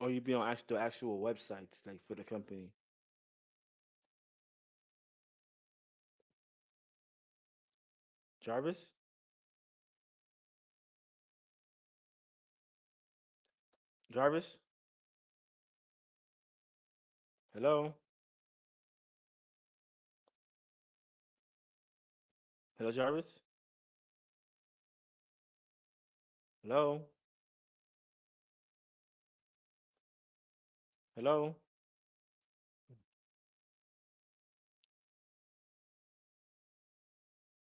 Speaker 2: you be on actual the
Speaker 1: Yes, I
Speaker 2: actual
Speaker 1: do be on
Speaker 2: websites like for the
Speaker 1: Amazon.
Speaker 2: company?
Speaker 1: Yeah. I be on the actual
Speaker 2: Jarvis,
Speaker 1: websites. I do shop on M. Um, yeah, can you hear me,
Speaker 2: Jarvis,
Speaker 1: Mike? Yeah, I'm
Speaker 2: hello,
Speaker 1: here. Can you not hear me? Yeah, I'm here.
Speaker 2: hello, Jarvis,
Speaker 1: Well, I don't. Yeah, I'm here. I don't know
Speaker 2: hello,
Speaker 1: what's going on, but I'll go ahead and end the recording. Thank you guys so much for
Speaker 2: hello.
Speaker 1: tuning in. We're having technical difficulties. Hello, can you hear me, Mike?